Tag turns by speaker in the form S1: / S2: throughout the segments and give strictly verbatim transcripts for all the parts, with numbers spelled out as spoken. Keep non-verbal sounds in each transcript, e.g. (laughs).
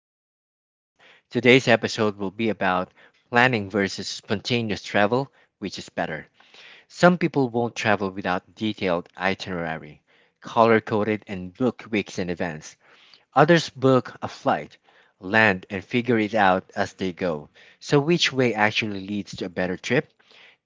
S1: R J's podcast. Today's episode will be about planning versus spontaneous travel, which is better. Some people won't travel without detailed itinerary, color coded, and book weeks in advance. Others book a flight, land, and figure it out as they go. So, which way actually leads to a better trip?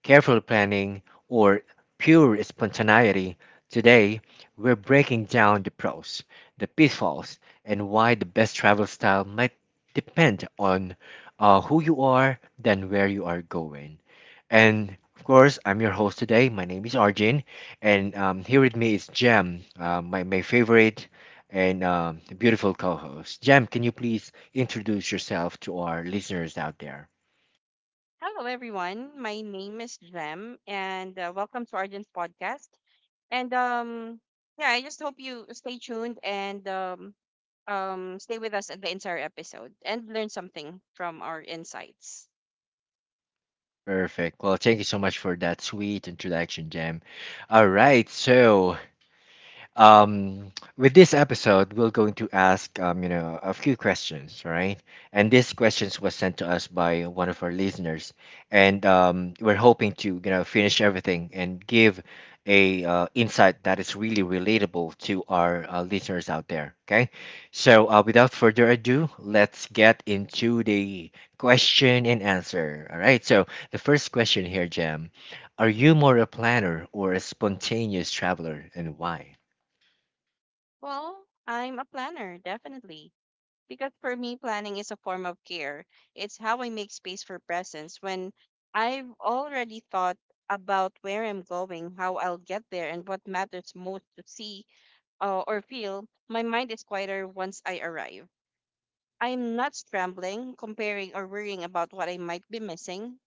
S1: Careful planning, or pure spontaneity, today we're breaking down the pros, the pitfalls, and why the best travel style might depend on uh, who you are than where you are going. And of course, I'm your host today. My name is Arjun, and um, here with me is Jem, uh, my, my favorite and um, beautiful co host. Jem, can you please introduce yourself to our listeners out there?
S2: Hello, everyone. My name is Jem, and uh, welcome to Arjun's podcast. And um, yeah, I just hope you stay tuned and um, um, stay with us at the entire episode and learn something from our insights.
S1: Perfect. Well, thank you so much for that sweet introduction, Jam. All right, so um, with this episode, we're going to ask um, you know a few questions, right? And these questions was sent to us by one of our listeners, and um, we're hoping to you know finish everything and give a uh, insight that is really relatable to our uh, listeners out there. Okay, so uh, without further ado, let's get into the question and answer. All right, so the first question here, Jam, are you more a planner or a spontaneous traveler, and why?
S2: Well, I'm a planner, definitely. Because for me, planning is a form of care. It's how I make space for presence when I've already thought about where I'm going, how I'll get there, and what matters most to see uh, or feel. My mind is quieter once I arrive. I'm not scrambling, comparing, or worrying about what I might be missing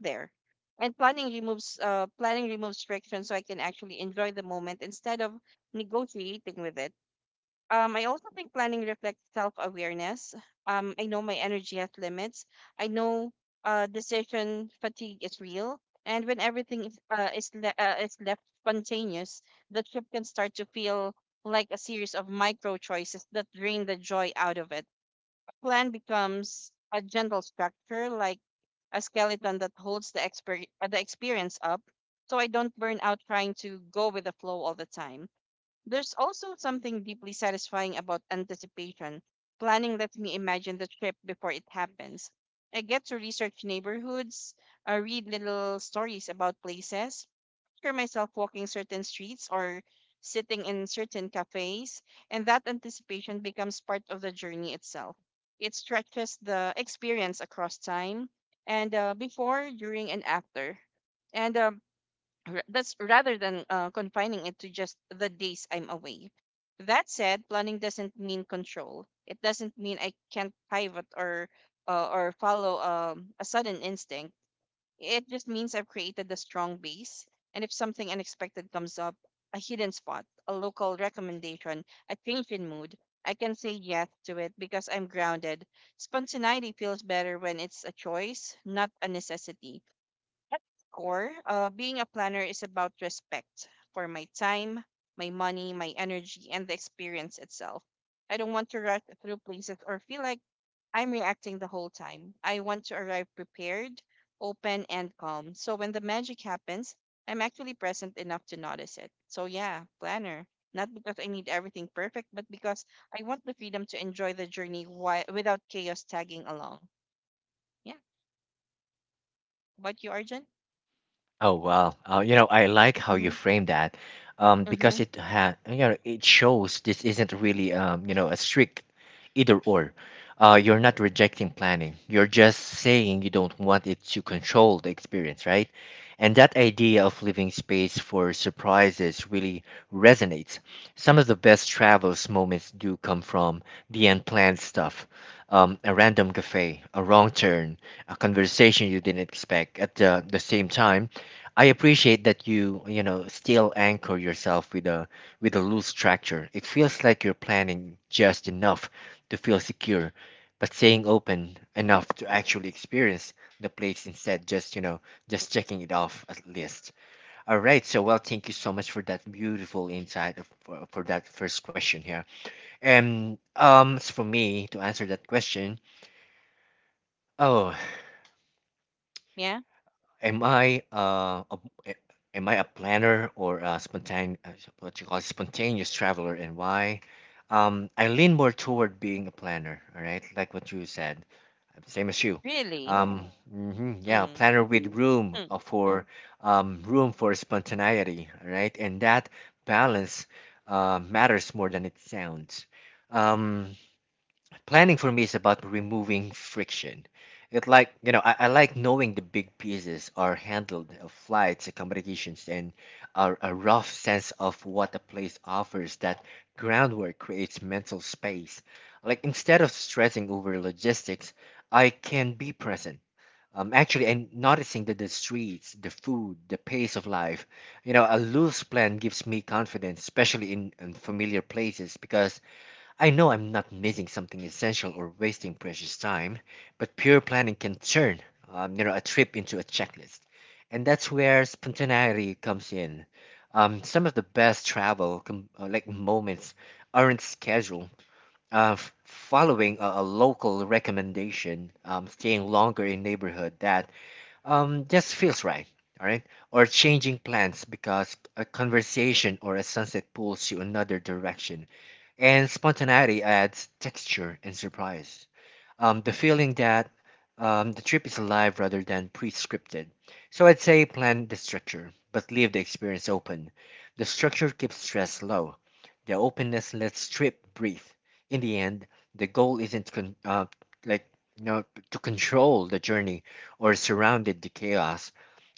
S2: there. And planning removes uh, planning removes friction, so I can actually enjoy the moment instead of negotiating with it. Um, I also think planning reflects self awareness. Um, I know my energy has limits. I know uh, decision fatigue is real. And when everything is, uh, is, le- uh, is left spontaneous, the trip can start to feel like a series of micro choices that drain the joy out of it. A plan becomes a gentle structure, like a skeleton that holds the, exper- uh, the experience up, so I don't burn out trying to go with the flow all the time. There's also something deeply satisfying about anticipation. Planning lets me imagine the trip before it happens. I get to research neighborhoods, uh, read little stories about places, picture myself walking certain streets or sitting in certain cafes, and that anticipation becomes part of the journey itself. It stretches the experience across time and uh, before, during, and after. And um, r- that's rather than uh, confining it to just the days I'm away. That said, planning doesn't mean control. It doesn't mean I can't pivot or uh, or follow um, a sudden instinct. It just means I've created a strong base, and if something unexpected comes up, a hidden spot, a local recommendation, a change in mood, I can say yes to it because I'm grounded. Spontaneity feels better when it's a choice, not a necessity. At its core, uh, being a planner is about respect for my time, my money, my energy, and the experience itself. I don't want to rush through places or feel like I'm reacting the whole time. I want to arrive prepared, open, and calm. So when the magic happens, I'm actually present enough to notice it. So yeah, planner. Not because I need everything perfect, but because I want the freedom to enjoy the journey while, without chaos tagging along. Yeah. What about you, Arjun?
S1: Oh wow. Uh, you know, I like how you
S2: Mm-hmm.
S1: frame that, um,
S2: Mm-hmm.
S1: because it had you know it shows this isn't really um you know a strict either or. Uh, you're not rejecting planning. You're just saying you don't want it to control the experience, right? And that idea of leaving space for surprises really resonates. Some of the best travels moments do come from the unplanned stuff. Um, a random cafe, a wrong turn, a conversation you didn't expect. At the, the same time, I appreciate that you, you know, still anchor yourself with a with a loose structure. It feels like you're planning just enough to feel secure, but staying open enough to actually experience the place instead just, you know, just checking it off a list. All right, so well, thank you so much for that beautiful insight of- for, for that first question here. And um as for me to answer that question, oh,
S2: Yeah.
S1: am I uh a, a- am I a planner or a spontaneous what you call spontaneous traveler and why? Um, I lean more toward being a planner. All right, like what you said, same as you.
S2: Really?
S1: Um, Oh, mhm, yeah,
S2: Mm.
S1: planner with room
S2: Mm.
S1: uh, for um room for spontaneity. All right, and that balance uh matters more than it sounds. Um, Planning for me is about removing friction. It like you know, I, I like knowing the big pieces are handled, uh, flights, accommodations, and a, a rough sense of what a place offers. That groundwork creates mental space. Like instead of stressing over logistics, I can be present. Um, actually, and noticing that the streets, the food, the pace of life, you know, a loose plan gives me confidence, especially in, in familiar places, because I know I'm not missing something essential or wasting precious time, but pure planning can turn um, you know, a trip into a checklist. And that's where spontaneity comes in. Um, some of the best travel com- uh, like moments aren't scheduled. Uh, f- following a, a local recommendation, um, staying longer in neighborhood that um, just feels right, all right? Or changing plans because a conversation or a sunset pulls you another direction and spontaneity adds texture and surprise. Um, the feeling that um, the trip is alive rather than pre-scripted. So I'd say plan the structure, but leave the experience open. The structure keeps stress low. The openness lets trip breathe. In the end, the goal isn't con- uh, like you know, to control the journey or surrounded the chaos.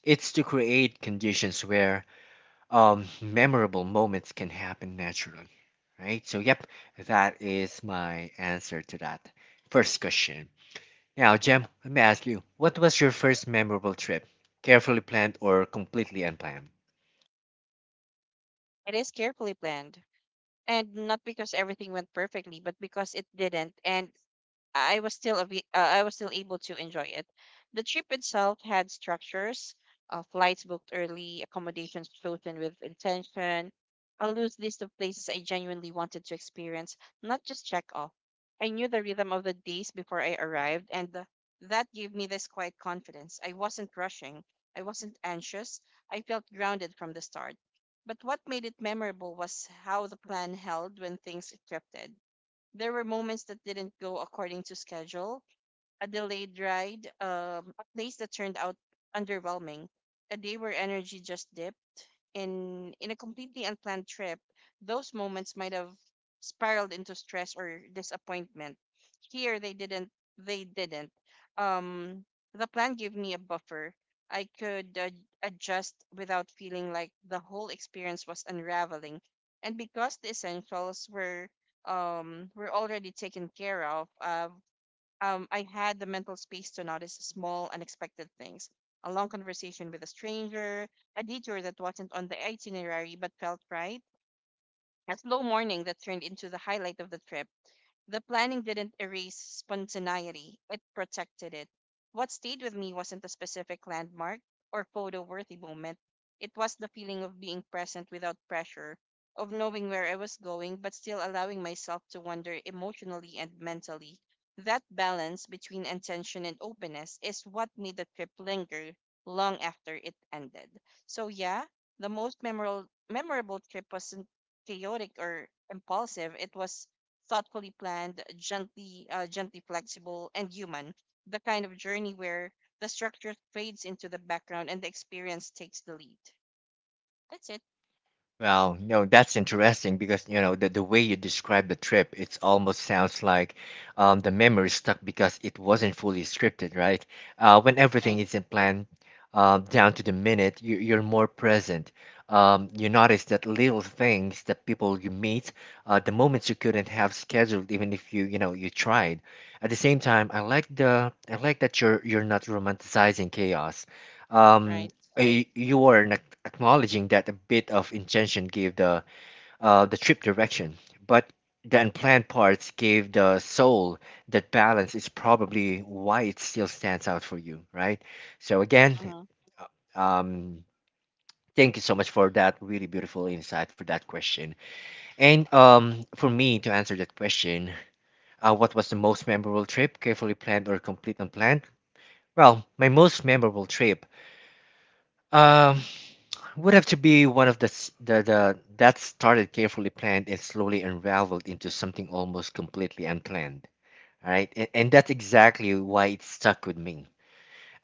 S1: It's to create conditions where um, memorable moments can happen naturally. Right? So, yep, that is my answer to that first question. Now, Jem, let me ask you, what was your first memorable trip? Carefully planned or completely unplanned?
S2: It is carefully planned. And not because everything went perfectly, but because it didn't. And I was still a bit- uh, I was still able to enjoy it. The trip itself had structures, uh, flights booked early, accommodations chosen with intention, a loose list of places I genuinely wanted to experience, not just check off. I knew the rhythm of the days before I arrived, and th- that gave me this quiet confidence. I wasn't rushing, I wasn't anxious, I felt grounded from the start. But what made it memorable was how the plan held when things shifted. There were moments that didn't go according to schedule, a delayed ride, um, a place that turned out underwhelming, a day where energy just dipped. In in a completely unplanned trip, those moments might have spiraled into stress or disappointment. Here they didn't. They didn't. Um, the plan gave me a buffer. I could uh, adjust without feeling like the whole experience was unraveling. And because the essentials were um, were already taken care of, uh, um, I had the mental space to notice small, unexpected things. A long conversation with a stranger, a detour that wasn't on the itinerary but felt right, a slow morning that turned into the highlight of the trip. The planning didn't erase spontaneity, it protected it. What stayed with me wasn't a specific landmark or photo worthy moment. It was the feeling of being present without pressure, of knowing where I was going, but still allowing myself to wander emotionally and mentally. That balance between intention and openness is what made the trip linger long after it ended. So, yeah, the most memorable, memorable trip wasn't chaotic or impulsive. It was thoughtfully planned, gently, uh, gently flexible, and human. The kind of journey where the structure fades into the background and the experience takes the lead. That's it.
S1: Well, you know, that's interesting because, you know, the, the way you describe the trip, it almost sounds like um, the memory stuck because it wasn't fully scripted, right? Uh, when everything
S2: Right.
S1: isn't planned um, down to the minute, you, you're more present. Um, you notice that little things, the people you meet, uh, the moments you couldn't have scheduled, even if you, you know, you tried. At the same time, I like the, I like that you're, you're not romanticizing chaos. Um,
S2: Right.
S1: y- you are ac- acknowledging that a bit of intention gave the uh, the trip direction, but the unplanned parts gave the soul that balance is probably why it still stands out for you, right? So again,
S2: Uh huh.
S1: um, thank you so much for that really beautiful insight for that question. And um, for me to answer that question, uh, what was the most memorable trip, carefully planned or complete unplanned? Well, my most memorable trip. Um, would have to be one of the s- the, the that started carefully planned and slowly unraveled into something almost completely unplanned. All right and, and that's exactly why it stuck with me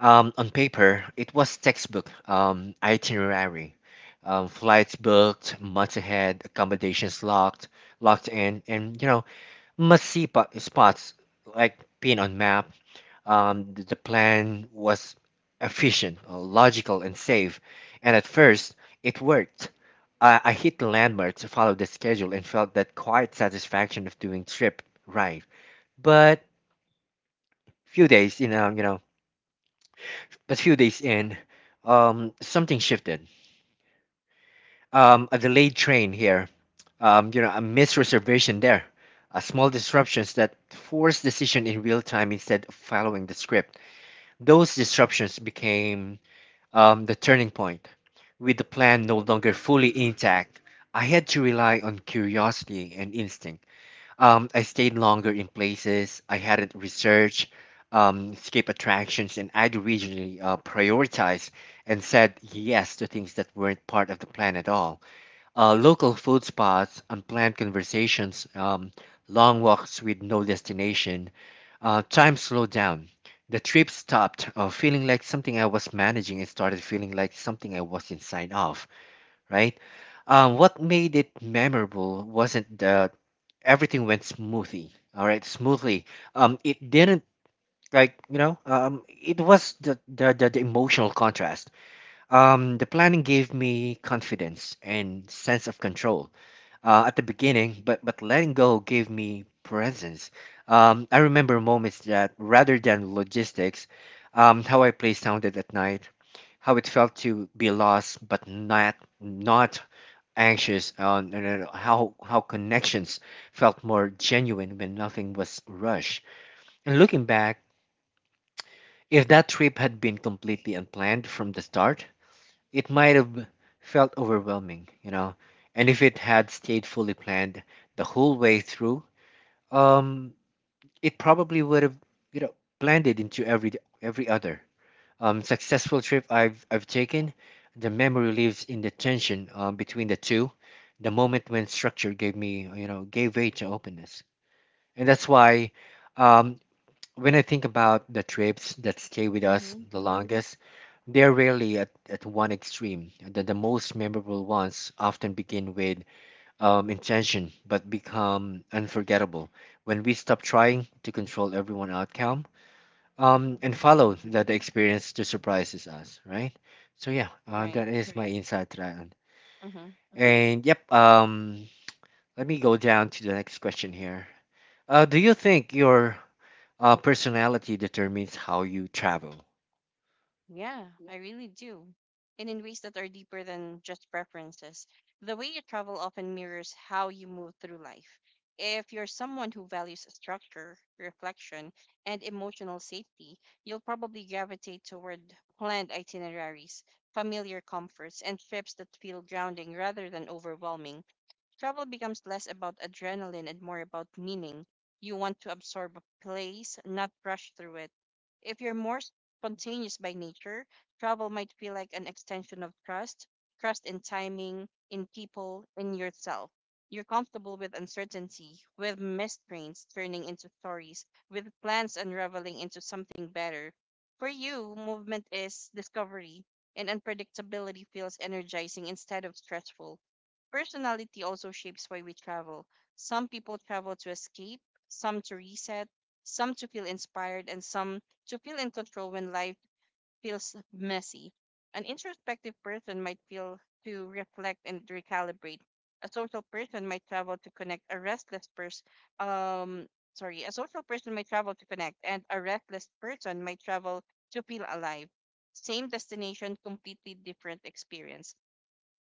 S1: um, on paper it was textbook um, itinerary um, flights booked months ahead accommodations locked locked in and you know must see po- spots like pin on map um, the, the plan was efficient, uh, logical, and safe, and at first it worked. I, I hit the landmark to follow the schedule and felt that quiet satisfaction of doing trip right. But few days, you know, you know, but few days in, um, something shifted. Um, a delayed train here. Um, you know, a missed reservation there. Uh, small disruptions that forced decision in real time instead of following the script. Those disruptions became um, the turning point. With the plan no longer fully intact, I had to rely on curiosity and instinct. Um, I stayed longer in places I hadn't researched, um, skip attractions, and I'd originally uh, prioritized and said yes to things that weren't part of the plan at all, uh, local food spots, unplanned conversations, um, long walks with no destination. Uh, time slowed down. The trip stopped uh, feeling like something I was managing and started feeling like something I was inside of, right? Um, what made it memorable wasn't that everything went smoothly, all right, smoothly. Um, it didn't like you know um it was the the, the, the emotional contrast, um the planning gave me confidence and sense of control uh, at the beginning, but but letting go gave me presence. Um, I remember moments that rather than logistics, um, how I play sounded at night, how it felt to be lost but not not anxious, uh, and then how how connections felt more genuine when nothing was rushed. And looking back, if that trip had been completely unplanned from the start, it might have felt overwhelming, you know. And if it had stayed fully planned the whole way through, um, it probably would have, you know, blended into every every other um, successful trip I've I've taken. The memory lives in the tension um, between the two, the moment when structure gave me, you know, gave way to openness, and that's why um, when I think about the trips that stay with us
S2: Mm-hmm.
S1: the longest they're rarely at, at one extreme. The, the most memorable ones often begin with um, intention but become unforgettable when we stop trying to control everyone's outcome um, and follow the, the experience to surprises us, right? So, yeah, uh,
S2: Right.
S1: that is my insight. Ryan.
S2: Mm-hmm.
S1: And yep, um, let me go down to the next question here. Uh, do you think your uh, personality determines how you travel?
S2: Yeah, I really do. And in ways that are deeper than just preferences. The way you travel often mirrors how you move through life. If you're someone who values structure, reflection, and emotional safety, you'll probably gravitate toward planned itineraries, familiar comforts, and trips that feel grounding rather than overwhelming. Travel becomes less about adrenaline and more about meaning. You want to absorb a place, not rush through it. If you're more spontaneous by nature, travel might feel like an extension of trust, trust in timing, in people, in yourself. You're comfortable with uncertainty, with missed trains turning into stories, with plans unraveling into something better. For you, movement is discovery, and unpredictability feels energizing instead of stressful. Personality also shapes why we travel. Some people travel to escape, some to reset, some to feel inspired, and some to feel in control when life feels messy. An introspective person might feel to reflect and recalibrate. A social person might travel to connect. A restless person, um, sorry, a social person might travel to connect, and a restless person might travel to feel alive. Same destination, completely different experience.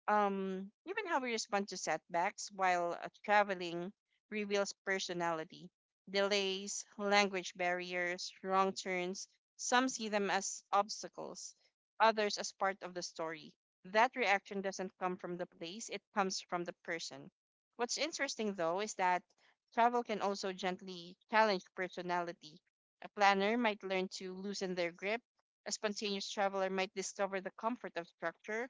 S2: Um, even how we respond to setbacks while uh, traveling reveals personality. Delays, language barriers, wrong turns, some see them as obstacles, others as part of the story. That reaction doesn't come from the place, it comes from the person. What's interesting though is that travel can also gently challenge personality. A planner might learn to loosen their grip, a spontaneous traveler might discover the comfort of structure,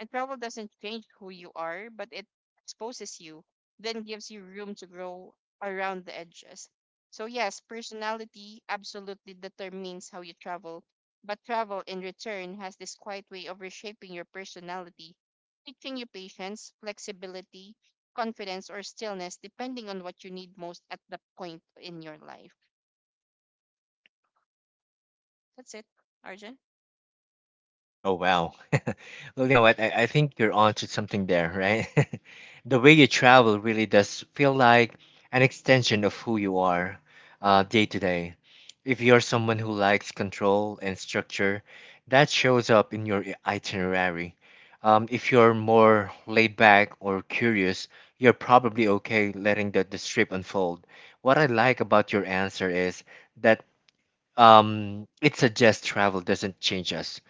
S2: and travel doesn't change who you are, but it exposes you, then gives you room to grow around the edges. So, yes, personality absolutely determines how you travel, but travel in return has this quiet way of reshaping your personality, teaching you patience, flexibility, confidence, or stillness, depending on what you need most at the point in your life. That's it, Arjun.
S1: Oh wow. (laughs) Well, you know what? I, I think you're onto something there, right? (laughs) The way you travel really does feel like an extension of who you are, uh, day to day. If you're someone who likes control and structure, that shows up in your i- itinerary. Um, if you're more laid back or curious, you're probably okay letting the, the strip unfold. What I like about your answer is that um, it suggests travel doesn't change us,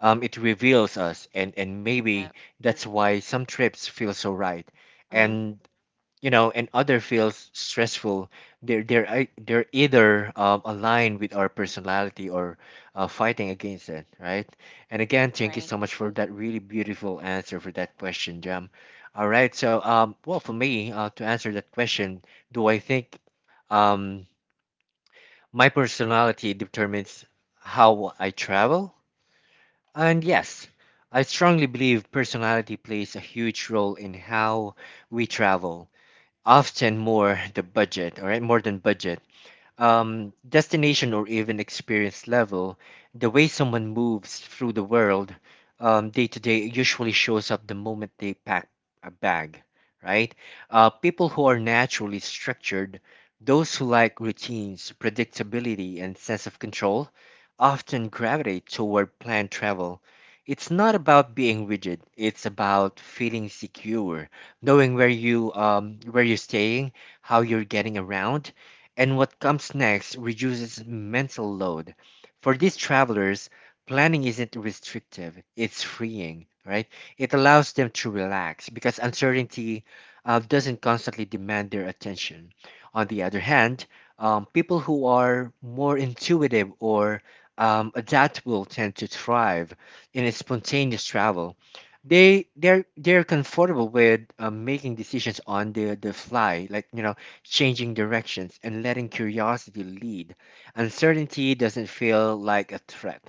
S1: um, it reveals us, and and maybe
S2: Yeah.
S1: that's why some trips feel so right,
S2: Mm-hmm.
S1: and you know, and other feels stressful. They're they're ei- they're either um, aligned with our personality or uh, fighting against it, right? And again, thank you
S2: Right.
S1: so much for that really beautiful answer for that question, Jam. All right, so um, well, for me, uh, to answer that question, do I think um my personality determines how I travel? And yes, I strongly believe personality plays a huge role in how we travel, often more the budget, all right, more than budget um, destination or even experience level, the way someone moves through the world um, day to day usually shows up the moment they pack a bag, right? Uh, people who are naturally structured, those who like routines, predictability, and sense of control, often gravitate toward planned travel. It's not about being rigid. It's about feeling secure, knowing where you um, where you're staying, how you're getting around, and what comes next reduces mental load. For these travelers, planning isn't restrictive, it's freeing, right? It allows them to relax because uncertainty uh, doesn't constantly demand their attention. On the other hand, um, people who are more intuitive or um, adaptable tend to thrive in a spontaneous travel. They they're they're comfortable with uh, making decisions on the the fly, like you know changing directions, and letting curiosity lead. Uncertainty doesn't feel like a threat.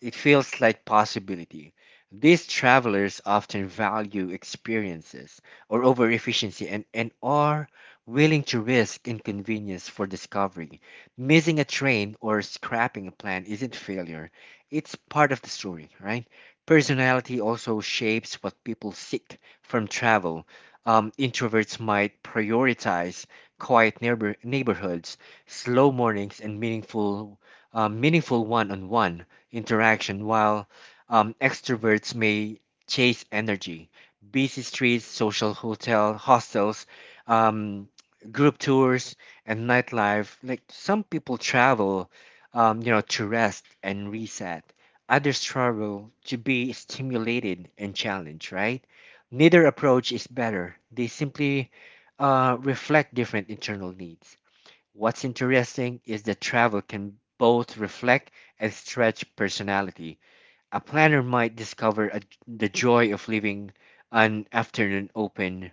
S1: It feels like possibility. These travelers often value experiences or over efficiency and, and are willing to risk inconvenience for discovery. Missing a train or scrapping a plan isn't failure, it's part of the story, right? Personality also shapes what people seek from travel. Um, introverts might prioritize quiet neighbor, neighborhoods, slow mornings, and meaningful, uh, meaningful one-on-one interaction, while um, extroverts may chase energy, busy streets, social hotel hostels, um, group tours, and nightlife. Like some people travel, um, you know, to rest and reset. Others travel to be stimulated and challenged. Right? Neither approach is better. They simply uh, reflect different internal needs. What's interesting is that travel can both reflect and stretch personality. A planner might discover a, the joy of leaving an afternoon open,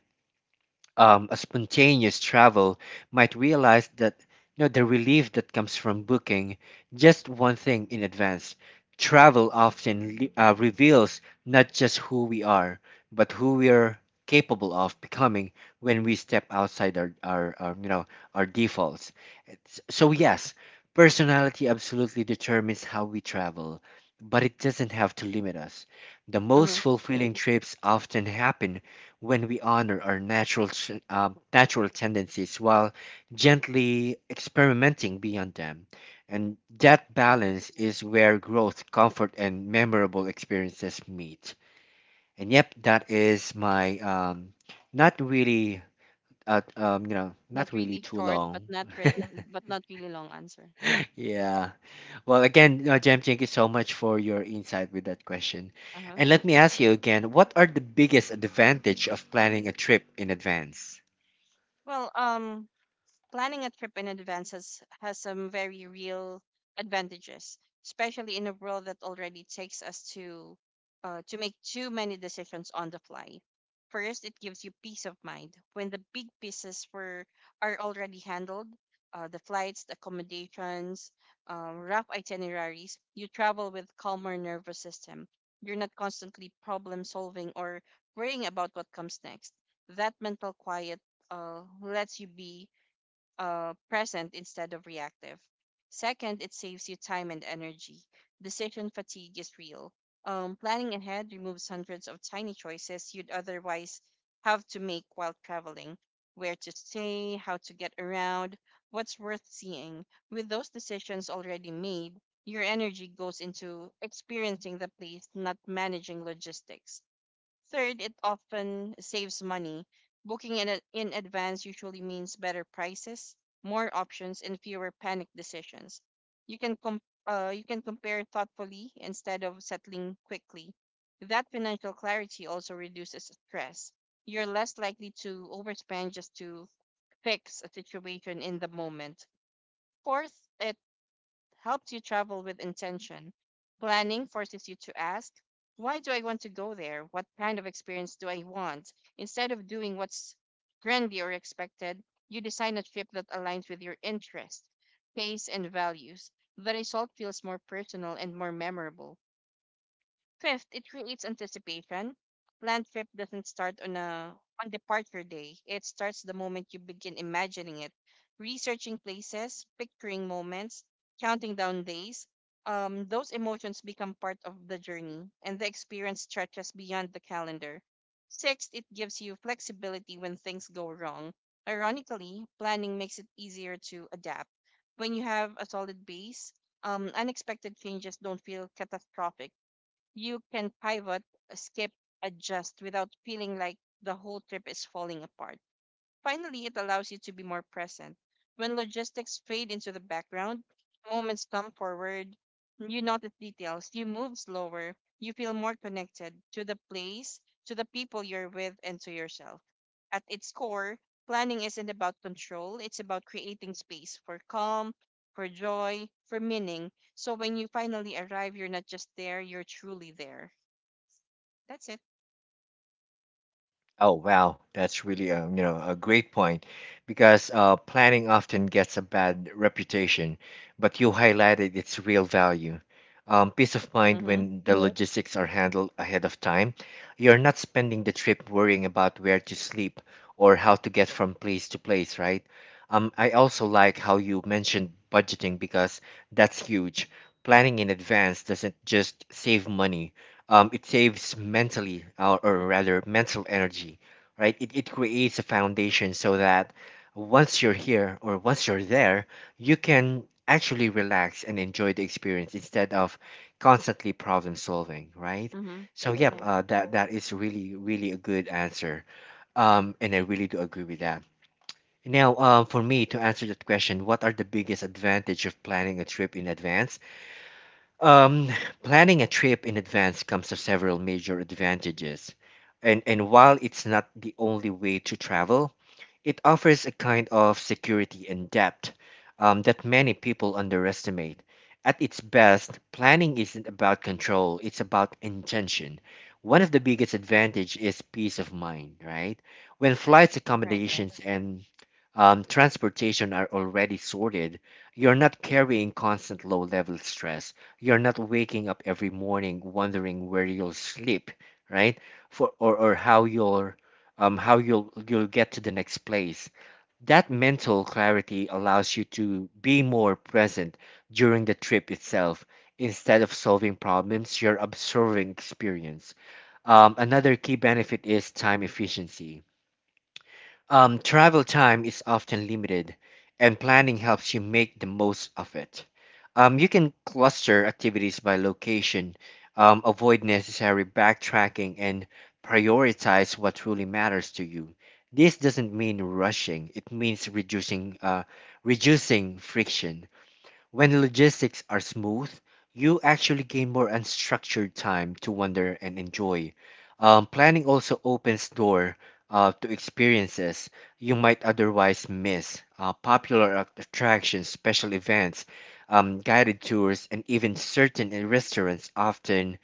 S1: um, a spontaneous travel might realize that you know the relief that comes from booking just one thing in advance. Travel often le- uh, reveals not just who we are, but who we are capable of becoming when we step outside our, our, our you know our defaults. It's- So yes, personality absolutely determines how we travel, but it doesn't have to limit us. The
S2: Mm-hmm.
S1: most fulfilling trips often happen when we honor our natural ch- uh, natural tendencies while gently experimenting beyond them, and that
S2: Right.
S1: balance is where growth, comfort, and memorable experiences meet. And yep, that is my um not really uh, um you know not
S2: Not
S1: really
S2: really
S1: too
S2: short, but
S1: long.
S2: not really, but not really long answer.
S1: (laughs) Yeah, well, again, uh, Jem, thank you so much for your insight with that question.
S2: Uh huh.
S1: And let me ask you again, what are the biggest advantage of planning a trip in advance?
S2: Well, um, planning a trip in advance has, has some very real advantages, especially in a world that already takes us to uh, to make too many decisions on the fly. First, it gives you peace of mind when the big pieces were are already handled. Uh, the flights, the accommodations, um, rough itineraries. You travel with calmer nervous system. You're not constantly problem solving or worrying about what comes next. That mental quiet uh, lets you be uh, present instead of reactive. Second, it saves you time and energy. Decision fatigue is real. Um, planning ahead removes hundreds of tiny choices you'd otherwise have to make while traveling, where to stay, how to get around, what's worth seeing. With those decisions already made, your energy goes into experiencing the place, not managing logistics. Third, it often saves money. Booking in, a- in advance usually means better prices, more options, and fewer panic decisions. You can com- uh, you can compare thoughtfully instead of settling quickly. That financial clarity also reduces stress. You're less likely to overspend just to fix a situation in the moment. Fourth, it helps you travel with intention. Planning forces you to ask, why do I want to go there? What kind of experience do I want? Instead of doing what's trendy or expected, you design a trip that aligns with your interests, pace, and values. The result feels more personal and more memorable. Fifth, it creates anticipation. Land trip doesn't start on a on departure day. It starts the moment you begin imagining it, researching places, picturing moments, counting down days. Um, those emotions become part of the journey, and the experience stretches beyond the calendar. Sixth, it gives you flexibility when things go wrong. Ironically, planning makes it easier to adapt. When you have a solid base, um, unexpected changes don't feel catastrophic. You can pivot, skip, adjust without feeling like the whole trip is falling apart. Finally, it allows you to be more present. When logistics fade into the background, moments come forward, you notice details, you move slower, you feel more connected to the place, to the people you're with, and to yourself. At its core, planning isn't about control, it's about creating space for calm, for joy, for meaning. So when you finally arrive, you're not just there, you're truly there. That's it.
S1: Oh wow, that's really a you know a great point, because uh, planning often gets a bad reputation, but you highlighted its real value. Um, peace of mind
S2: Mm-hmm.
S1: when the logistics are handled ahead of time. You're not spending the trip worrying about where to sleep or how to get from place to place, right? Um, I also like how you mentioned budgeting because that's huge. Planning in advance doesn't just save money, um, it saves mentally, uh, or rather mental energy. Right, it, it creates a foundation so that once you're here or once you're there, you can actually relax and enjoy the experience instead of constantly problem solving, right?
S2: Mm-hmm.
S1: So yep,
S2: Yeah.
S1: uh, that that is really really a good answer, um, and I really do agree with that. Now um, for me to answer that question, what are the biggest advantage of planning a trip in advance? um, (sighs) planning a trip in advance comes with several major advantages. And, and while it's not the only way to travel, it offers a kind of security and depth um, that many people underestimate. At its best, planning isn't about control, it's about intention. One of the biggest advantage is peace of mind, right? When flights,
S2: Right, right.
S1: accommodations, and um, transportation are already sorted, you're not carrying constant low-level stress. You're not waking up every morning wondering where you'll sleep, right? For or, or how you'll um how you'll you'll get to the next place. That mental clarity allows you to be more present during the trip itself. Instead of solving problems, you're observing experience. Um, another key benefit is time efficiency. Um, travel time is often limited, and planning helps you make the most of it. Um, you can cluster activities by location, um, avoid necessary backtracking, and prioritize what truly matters to you. This doesn't mean rushing; it means reducing, uh, reducing friction. When logistics are smooth, you actually gain more unstructured time to wander and enjoy. Um, planning also opens door uh, to experiences you might otherwise miss. Uh, popular ac- attractions, special events, um, guided tours, and even certain restaurants often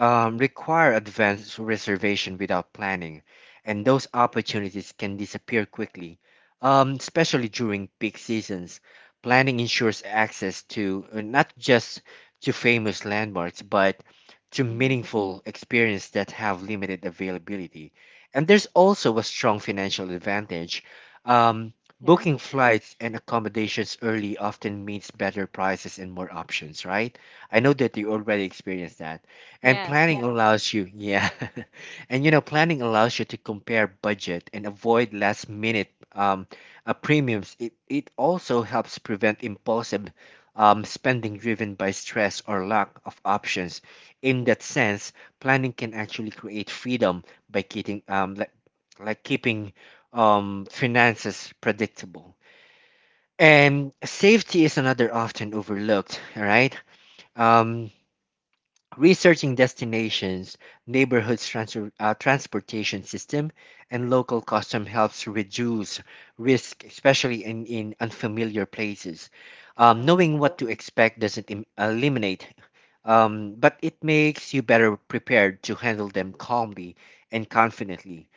S1: um, require advance reservation without planning, and those opportunities can disappear quickly, um, especially during peak seasons. Planning ensures access to uh, not just to famous landmarks, but to
S2: Mm-hmm.
S1: meaningful experiences that have limited availability. And there's also a strong financial advantage. Um,
S2: Yeah.
S1: Booking flights and accommodations early often means better prices and more options, right? I know that you already experienced that. And
S2: Yes.
S1: planning allows you, yeah. (laughs) And you know, planning allows you to compare budget and avoid last minute um, uh, premiums. It, it also helps prevent impulsive um, spending driven by stress or lack of options. In that sense, planning can actually create freedom by keeping um, like, like keeping um, finances predictable. And safety is another often overlooked, all right? Um, Researching destinations, neighborhoods transfer, uh, transportation system, and local custom helps reduce risk, especially in, in unfamiliar places. Um, knowing what to expect doesn't im- eliminate, um, but it makes you better prepared to handle them calmly and confidently.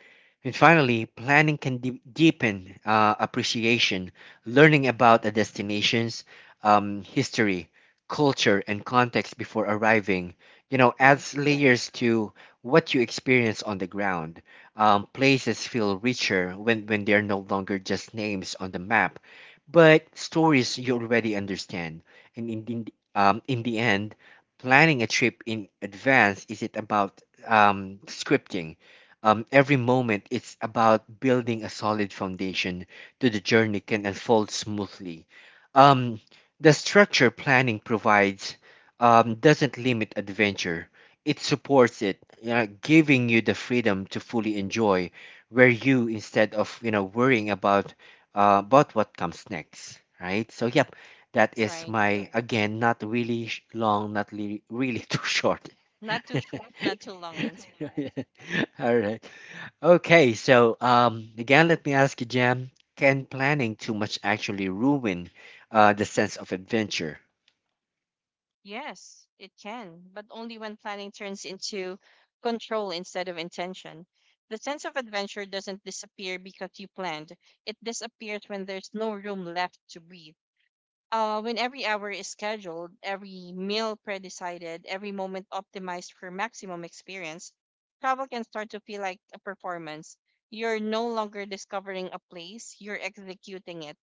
S1: And finally, planning can de- deepen uh, appreciation, learning about the destination's um, history, culture, and context before arriving you know
S2: Right.
S1: adds layers to what you experience on the ground. Um, places feel richer when, when they're no longer just names on the map but stories you already understand. And in, in, um, in the end, planning a trip in advance isn't about um, scripting um, every moment. It's about building a solid foundation to the journey can unfold smoothly. Um, the structure planning provides um, doesn't limit adventure. It supports it, you know, giving you the freedom to fully enjoy where you instead of you know worrying about uh, about what comes next, right? So yep, that is
S2: Right.
S1: my again not really sh- long, not really really (laughs) too short.
S2: Not
S1: (laughs)
S2: too sh- not too long answer.
S1: All right. Okay. So um, again, let me ask you, Jam. Can planning too much actually ruin uh, the sense of adventure?
S2: Yes, it can, but only when planning turns into control instead of intention. The sense of adventure doesn't disappear because you planned. It disappears when there's no room left to breathe. Uh, when every hour is scheduled, every meal pre-decided, every moment optimized for maximum experience, travel can start to feel like a performance. You're no longer discovering a place, you're executing it.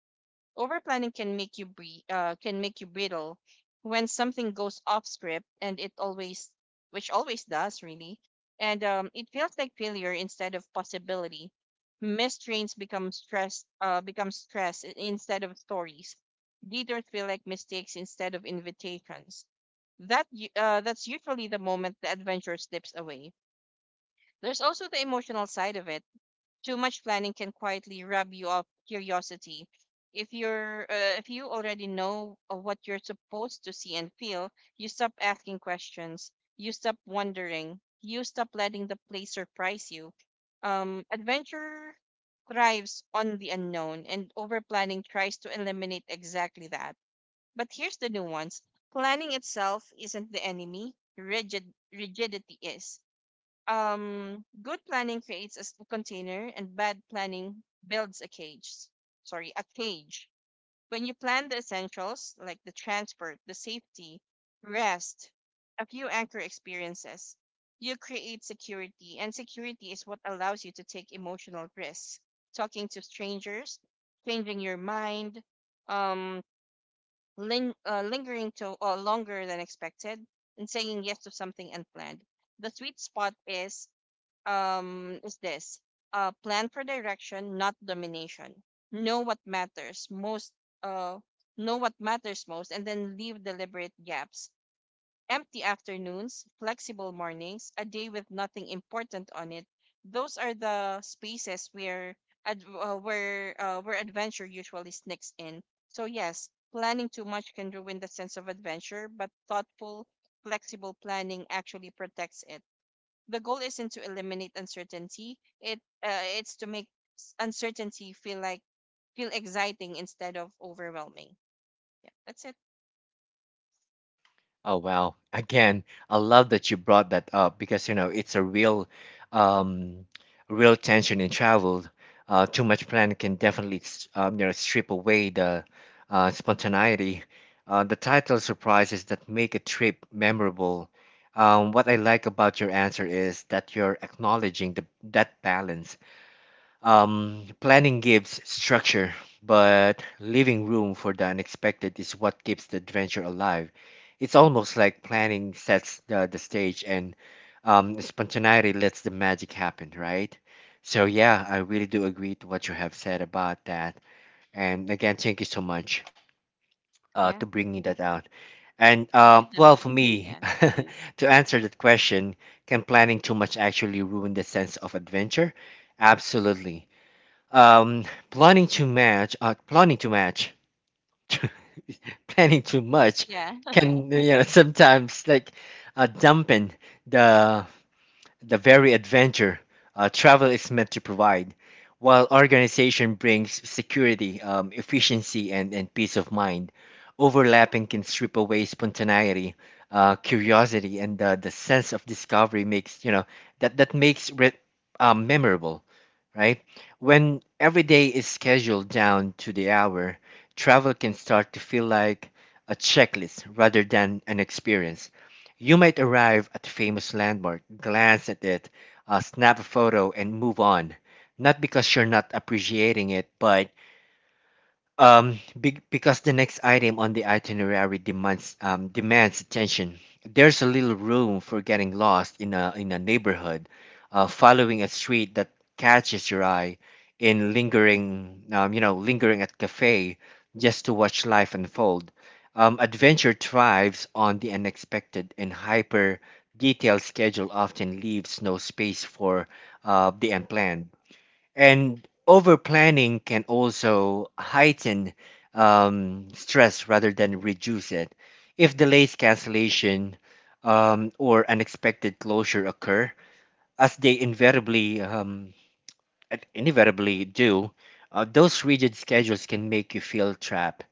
S2: Overplanning can make you bre- uh, can make you brittle when something goes off script, and it always, which always does, really. And um, It feels like failure instead of possibility. Missed trains become stress, uh, become stress i- instead of stories. Detours feel like mistakes instead of invitations. That u- uh, that's usually the moment the adventure slips away. There's also the emotional side of it. Too much planning can quietly rub you off curiosity. If you're uh, if you already know uh, what you're supposed to see and feel, you stop asking questions. You stop wondering. You stop letting the place surprise you. Um, adventure thrives on the unknown, and over planning tries to eliminate exactly that. But here's the nuance: planning itself isn't the enemy. Rigid rigidity is. Um good planning creates a s- container, and bad planning builds a cage. Sorry, a cage. When you plan the essentials, like the transport, the safety, rest, a few anchor experiences, you create security, and security is what allows you to take emotional risks: talking to strangers, changing your mind, um ling- uh, lingering to uh, longer than expected, and saying yes to something unplanned. The sweet spot is um is this: uh plan for direction, not domination. know what matters most uh know what matters most, and then leave deliberate gaps: empty afternoons, flexible mornings, a day with nothing important on it. Those are the spaces where ad- uh, where uh, where adventure usually sneaks in. So yes, planning too much can ruin the sense of adventure, but thoughtful, flexible planning actually protects it. The goal isn't to eliminate uncertainty. It uh, it's to make s- uncertainty feel like feel exciting instead of overwhelming. Yeah, that's it.
S1: Oh wow. Again, I love that you brought that up because you know it's a real um real tension in travel. Uh, too much planning can definitely s- um, you know strip away the uh spontaneity. Uh, the title surprises that make a trip memorable. Um, what I like about your answer is that you're acknowledging the that balance. Um, planning gives structure, but leaving room for the unexpected is what keeps the adventure alive. It's almost like planning sets the, the stage and um, spontaneity lets the magic happen, right? So, yeah, I really do agree to what you have said about that. And again, thank you so much uh, to
S2: Yeah.
S1: bringing that out. And uh,
S2: (laughs)
S1: well, for me,
S2: Yeah.
S1: (laughs) to answer that question, can planning too much actually ruin the sense of adventure? Absolutely. um, planning to match, uh, planning to match, (laughs) planning too much
S2: Yeah.
S1: can you know sometimes like uh, dampen the the very adventure uh, travel is meant to provide, while organization brings security, um, efficiency, and, and peace of mind. Overlapping can strip away spontaneity, uh, curiosity, and uh, the sense of discovery makes you know that that makes re- um, memorable, right? When every day is scheduled down to the hour, travel can start to feel like a checklist rather than an experience. You might arrive at a famous landmark, glance at it, uh, snap a photo, and move on. Not because you're not appreciating it, but um, be- because the next item on the itinerary demands um, demands attention. There's a little room for getting lost in a in a neighborhood, uh, following a street that catches your eye, in lingering, um, you know, lingering at cafe just to watch life unfold. Um, adventure thrives on the unexpected, and hyper detailed schedule often leaves no space for uh, the unplanned. And over planning can also heighten um, stress rather than reduce it. If delays, cancellation, um, or unexpected closure occur, as they invariably um, and inevitably do, uh, those rigid schedules can make you feel trapped,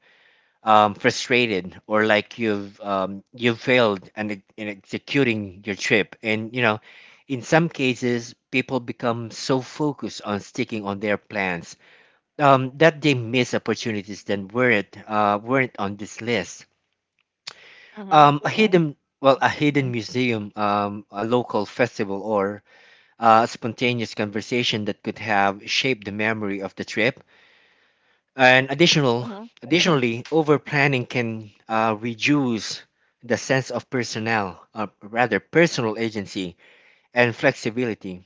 S1: um, frustrated, or like you've um, you've failed and in in executing your trip. And you know, in some cases, people become so focused on sticking on their plans um, that they miss opportunities that weren't uh, weren't on this list.
S2: Mhm.
S1: Um, a hidden well,
S2: Mm.
S1: a hidden museum, um, a local festival, or uh, a spontaneous conversation that could have shaped the memory of the trip. And additional,
S2: Mhm.
S1: additionally, over planning can uh, reduce the sense of personnel, uh, rather personal agency and flexibility.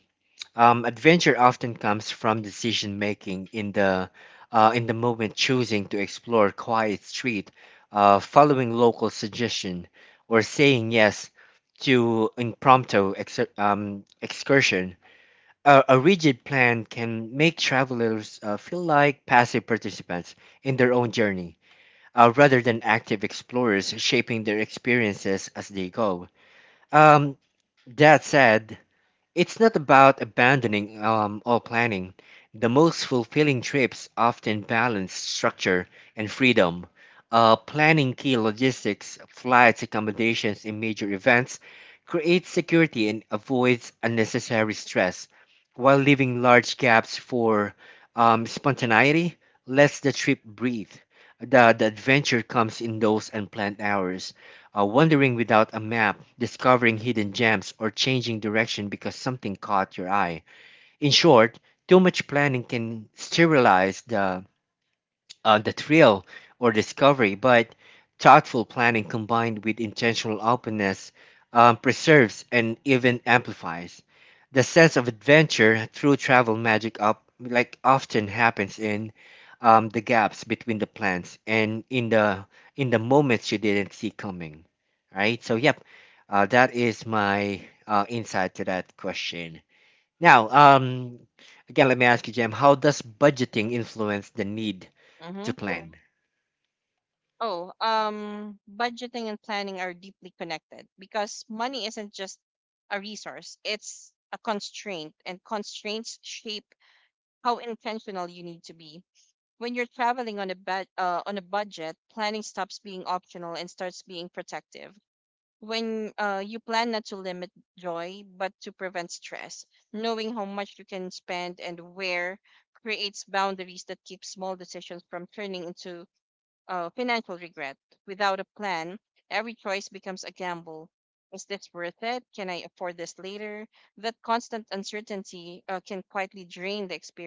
S1: Um, adventure often comes from decision making in the uh, in the moment, choosing to explore a quiet street, uh, following local suggestion, or saying yes to impromptu ex- um, excursion. A, a rigid plan can make travelers uh, feel like passive participants in their own journey, uh, rather than active explorers shaping their experiences as they go. Um, that said, it's not about abandoning um, all planning. The most fulfilling trips often balance structure and freedom. Uh, planning key logistics, flights, accommodations, and major events creates security and avoids unnecessary stress, while leaving large gaps for um, spontaneity. Lets the trip breathe. The, the adventure comes in those unplanned hours, uh, wandering without a map, discovering hidden gems, or changing direction because something caught your eye. In short, too much planning can sterilize the uh, the thrill or discovery, but thoughtful planning combined with intentional openness um, preserves and even amplifies the sense of adventure through travel magic. Up like often happens in um, the gaps between the plans and in the in the moments you didn't see coming. Right. So yep, uh, that is my uh, insight to that question. Now, um, again, let me ask you, Jim, how does budgeting influence the need to
S2: Mhm.
S1: plan?
S2: Oh, um budgeting and planning are deeply connected because money isn't just a resource. It's a constraint, and constraints shape how intentional you need to be. When you're traveling on a bud uh, on a budget, planning stops being optional and starts being protective. When uh, You plan not to limit joy but to prevent stress. Knowing how much you can spend and where creates boundaries that keep small decisions from turning into uh, financial regret. Without a plan, every choice becomes a gamble. Is this worth it? Can I afford this later? That constant uncertainty uh, can quietly drain the experience.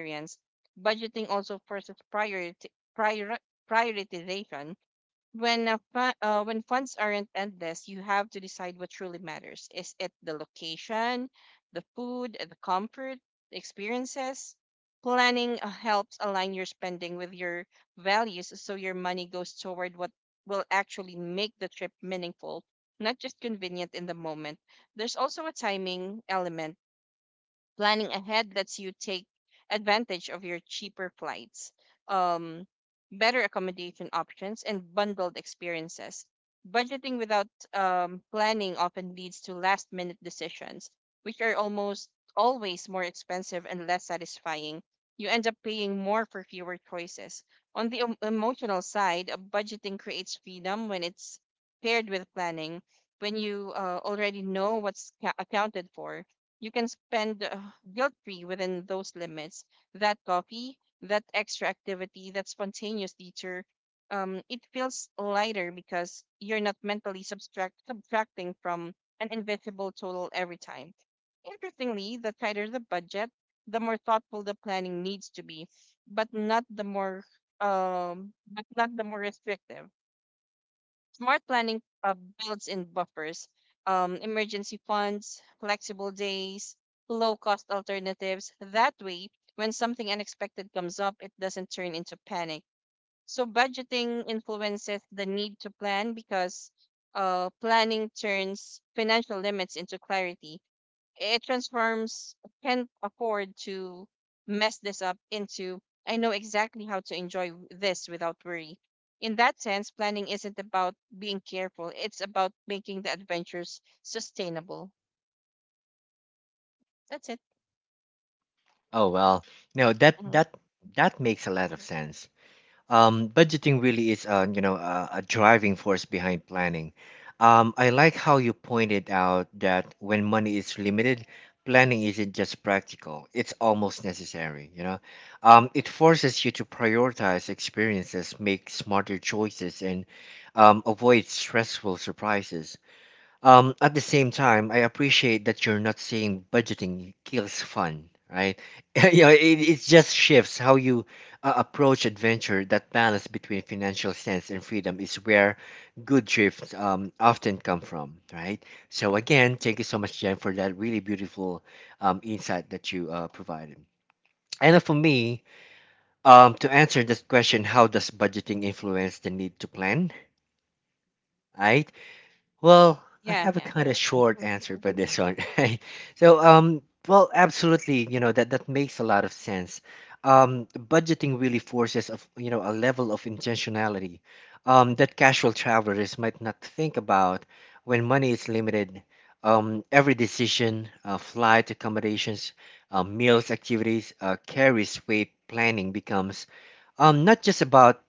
S2: Experience. Budgeting also forces priority, prior, prioritization. When a fu- uh, when funds aren't endless, you have to decide what truly matters. Is it the location, the food, the comfort, the experiences? Planning uh, helps align your spending with your values, so your money goes toward what will actually make the trip meaningful, not just convenient in the moment. There's also a timing element. Planning ahead lets you take advantage of your cheaper flights, um, better accommodation options, and bundled experiences. Budgeting without um, planning often leads to last minute decisions, which are almost always more expensive and less satisfying. You end up paying more for fewer choices. On the em- emotional side, uh, budgeting creates freedom when it's paired with planning. When you uh, already know what's ca- accounted for, you can spend uh, guilt free within those limits. That coffee, that extra activity, that spontaneous teacher, um, it feels lighter because you're not mentally subtract subtracting from an invisible total every time. Interestingly, the tighter the budget, the more thoughtful the planning needs to be, but not the more um, but not the more restrictive. Smart planning uh, builds in buffers, um, emergency funds, flexible days, low cost alternatives. That way, when something unexpected comes up, it doesn't turn into panic. So, budgeting influences the need to plan because uh, planning turns financial limits into clarity. It transforms "can't afford to mess this up" into "I know exactly how to enjoy w- this without worry." In that sense, planning isn't about being careful. It's about making the adventures sustainable. That's it.
S1: Oh well, no, that
S2: Mhm.
S1: that that makes a lot of sense. Um, budgeting really is, uh, you know, a, a driving force behind planning. Um, I like how you pointed out that when money is limited, planning isn't just practical; it's almost necessary. You know, um, it forces you to prioritize experiences, make smarter choices, and um, avoid stressful surprises. Um, at the same time, I appreciate that you're not saying budgeting kills fun, right? (laughs) You know, it, it just shifts how you uh, approach adventure. That balance between financial sense and freedom is where good trips um, often come from, right? So again, thank you so much, Jen, for that really beautiful um, insight that you uh, provided. And for me, um, to answer this question, how does budgeting influence the need to plan? Right? Well, I
S2: Yeah,
S1: have a
S2: yeah.
S1: kind of short
S2: Mhm.
S1: answer for this one, (laughs) right? So, um, well, absolutely, you know, that that makes a lot of sense. Um, budgeting really forces of, you know, a level of intentionality um, that casual travelers might not think about when money is limited. Um, every decision, uh, flight accommodations, uh, meals, activities, uh, carries weight. Planning becomes um, not just about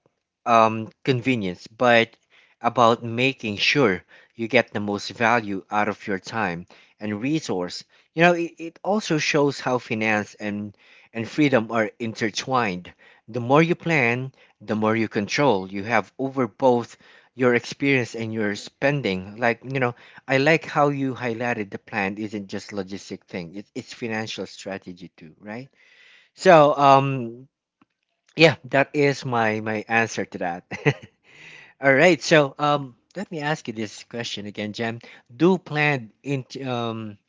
S1: um, convenience, but about making sure you get the most value out of your time and resource. You know, it, it also shows how finance and, and freedom are intertwined. The more you plan, the more you control you have over both your experience and your spending. Like, you know, I like how you highlighted the plan isn't just logistic thing. It, it's financial strategy too, right? So, um, yeah, that is my my answer to that. (laughs) All right. So, um, let me ask you this question again, Jem. Do planned in, um,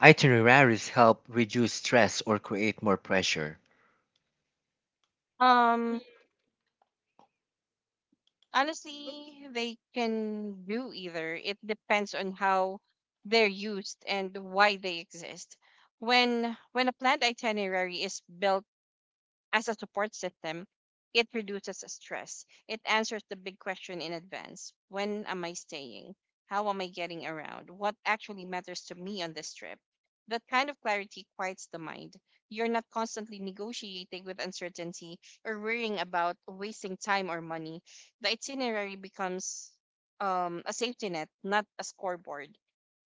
S1: itineraries help reduce stress or create more pressure?
S2: Um, Honestly, they can do either. It depends on how they're used and why they exist. When when a planned itinerary is built as a support system, it reduces stress. It answers the big question in advance: when am I staying? How am I getting around? What actually matters to me on this trip? That kind of clarity quiets the mind. You're not constantly negotiating with uncertainty or worrying about wasting time or money. The itinerary becomes um, a safety net, not a scoreboard.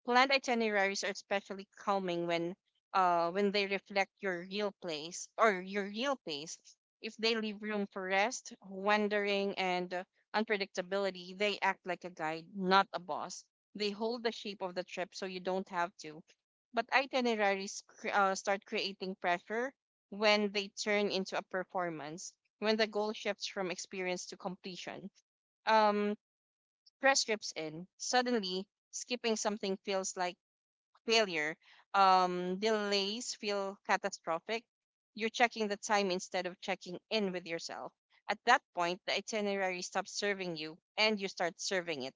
S2: Planned itineraries are especially calming when uh when they reflect your real place or your real pace. If they leave room for rest, wandering, and uh, unpredictability, they act like a guide, not a boss. They hold the shape of the trip so you don't have to. But itineraries cr- uh, start creating pressure when they turn into a performance, when the goal shifts from experience to completion. Um, Press trips in. Suddenly, skipping something feels like failure, um, delays feel catastrophic. You're checking the time instead of checking in with yourself. At that point, the itinerary stops serving you and you start serving it.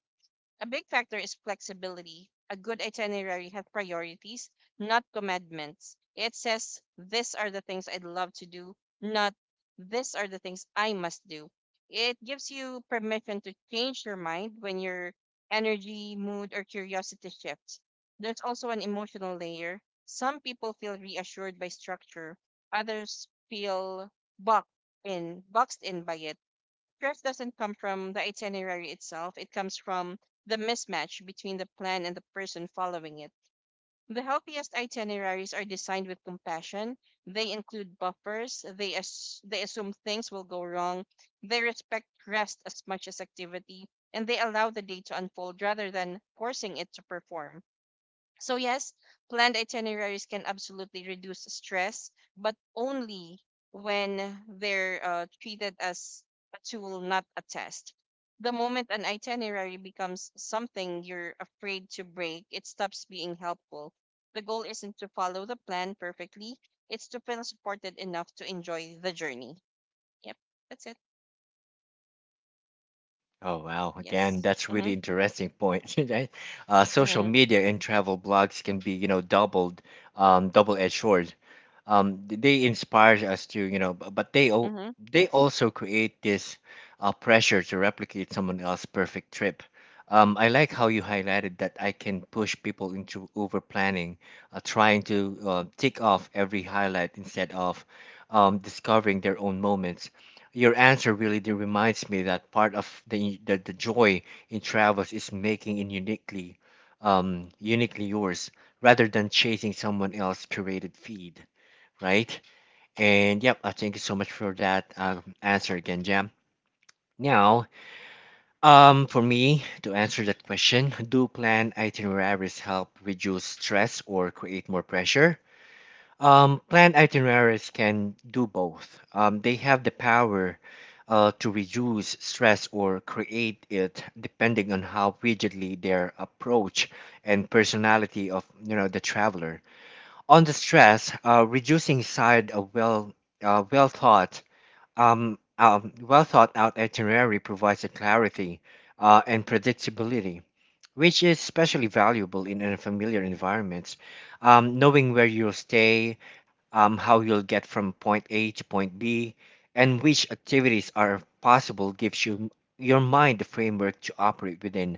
S2: A big factor is flexibility. A good itinerary has priorities, not commandments. It says, these are the things I'd love to do, not these are the things I must do. It gives you permission to change your mind when your energy, mood, or curiosity shifts. There's also an emotional layer. Some people feel reassured by structure, others feel boxed in, boxed in by it. Stress doesn't come from the itinerary itself, it comes from the mismatch between the plan and the person following it. The healthiest itineraries are designed with compassion. They include buffers, they, as- they assume things will go wrong, they respect rest as much as activity, and they allow the day to unfold rather than forcing it to perform. So, yes, planned itineraries can absolutely reduce stress, but only when they're uh, treated as a tool, not a test. The moment an itinerary becomes something you're afraid to break, it stops being helpful. The goal isn't to follow the plan perfectly, it's to feel supported enough to enjoy the journey. Yep, that's it.
S1: Oh wow! Again,
S2: Yes.
S1: that's
S2: Mm-hmm.
S1: really interesting point. (laughs) Right? Uh, social
S2: Mm-hmm.
S1: media and travel blogs can be, you know, doubled, um, double-edged sword. Um, th- they inspire us to, you know, b- but they al-
S2: Mm-hmm.
S1: they also create this uh, pressure to replicate someone else's perfect trip. Um, I like how you highlighted that I can push people into over planning, uh, trying to uh, tick off every highlight instead of um, discovering their own moments. Your answer really do reminds me that part of the, the, the joy in travels is making it uniquely, um, uniquely yours rather than chasing someone else curated feed, right? And yep, I thank you so much for that um, answer again, Jam. Now, um, for me to answer that question, do planned itineraries help reduce stress or create more pressure? Um, planned itineraries can do both. Um, they have the power uh, to reduce stress or create it depending on how rigidly their approach and personality of, you know, the traveler. On the stress uh, reducing side, a well uh, well thought um, um, well thought out itinerary provides a clarity uh, and predictability, which is especially valuable in unfamiliar environments. Um, knowing where you'll stay, um, how you'll get from point A to point B, and which activities are possible gives you your mind the framework to operate within.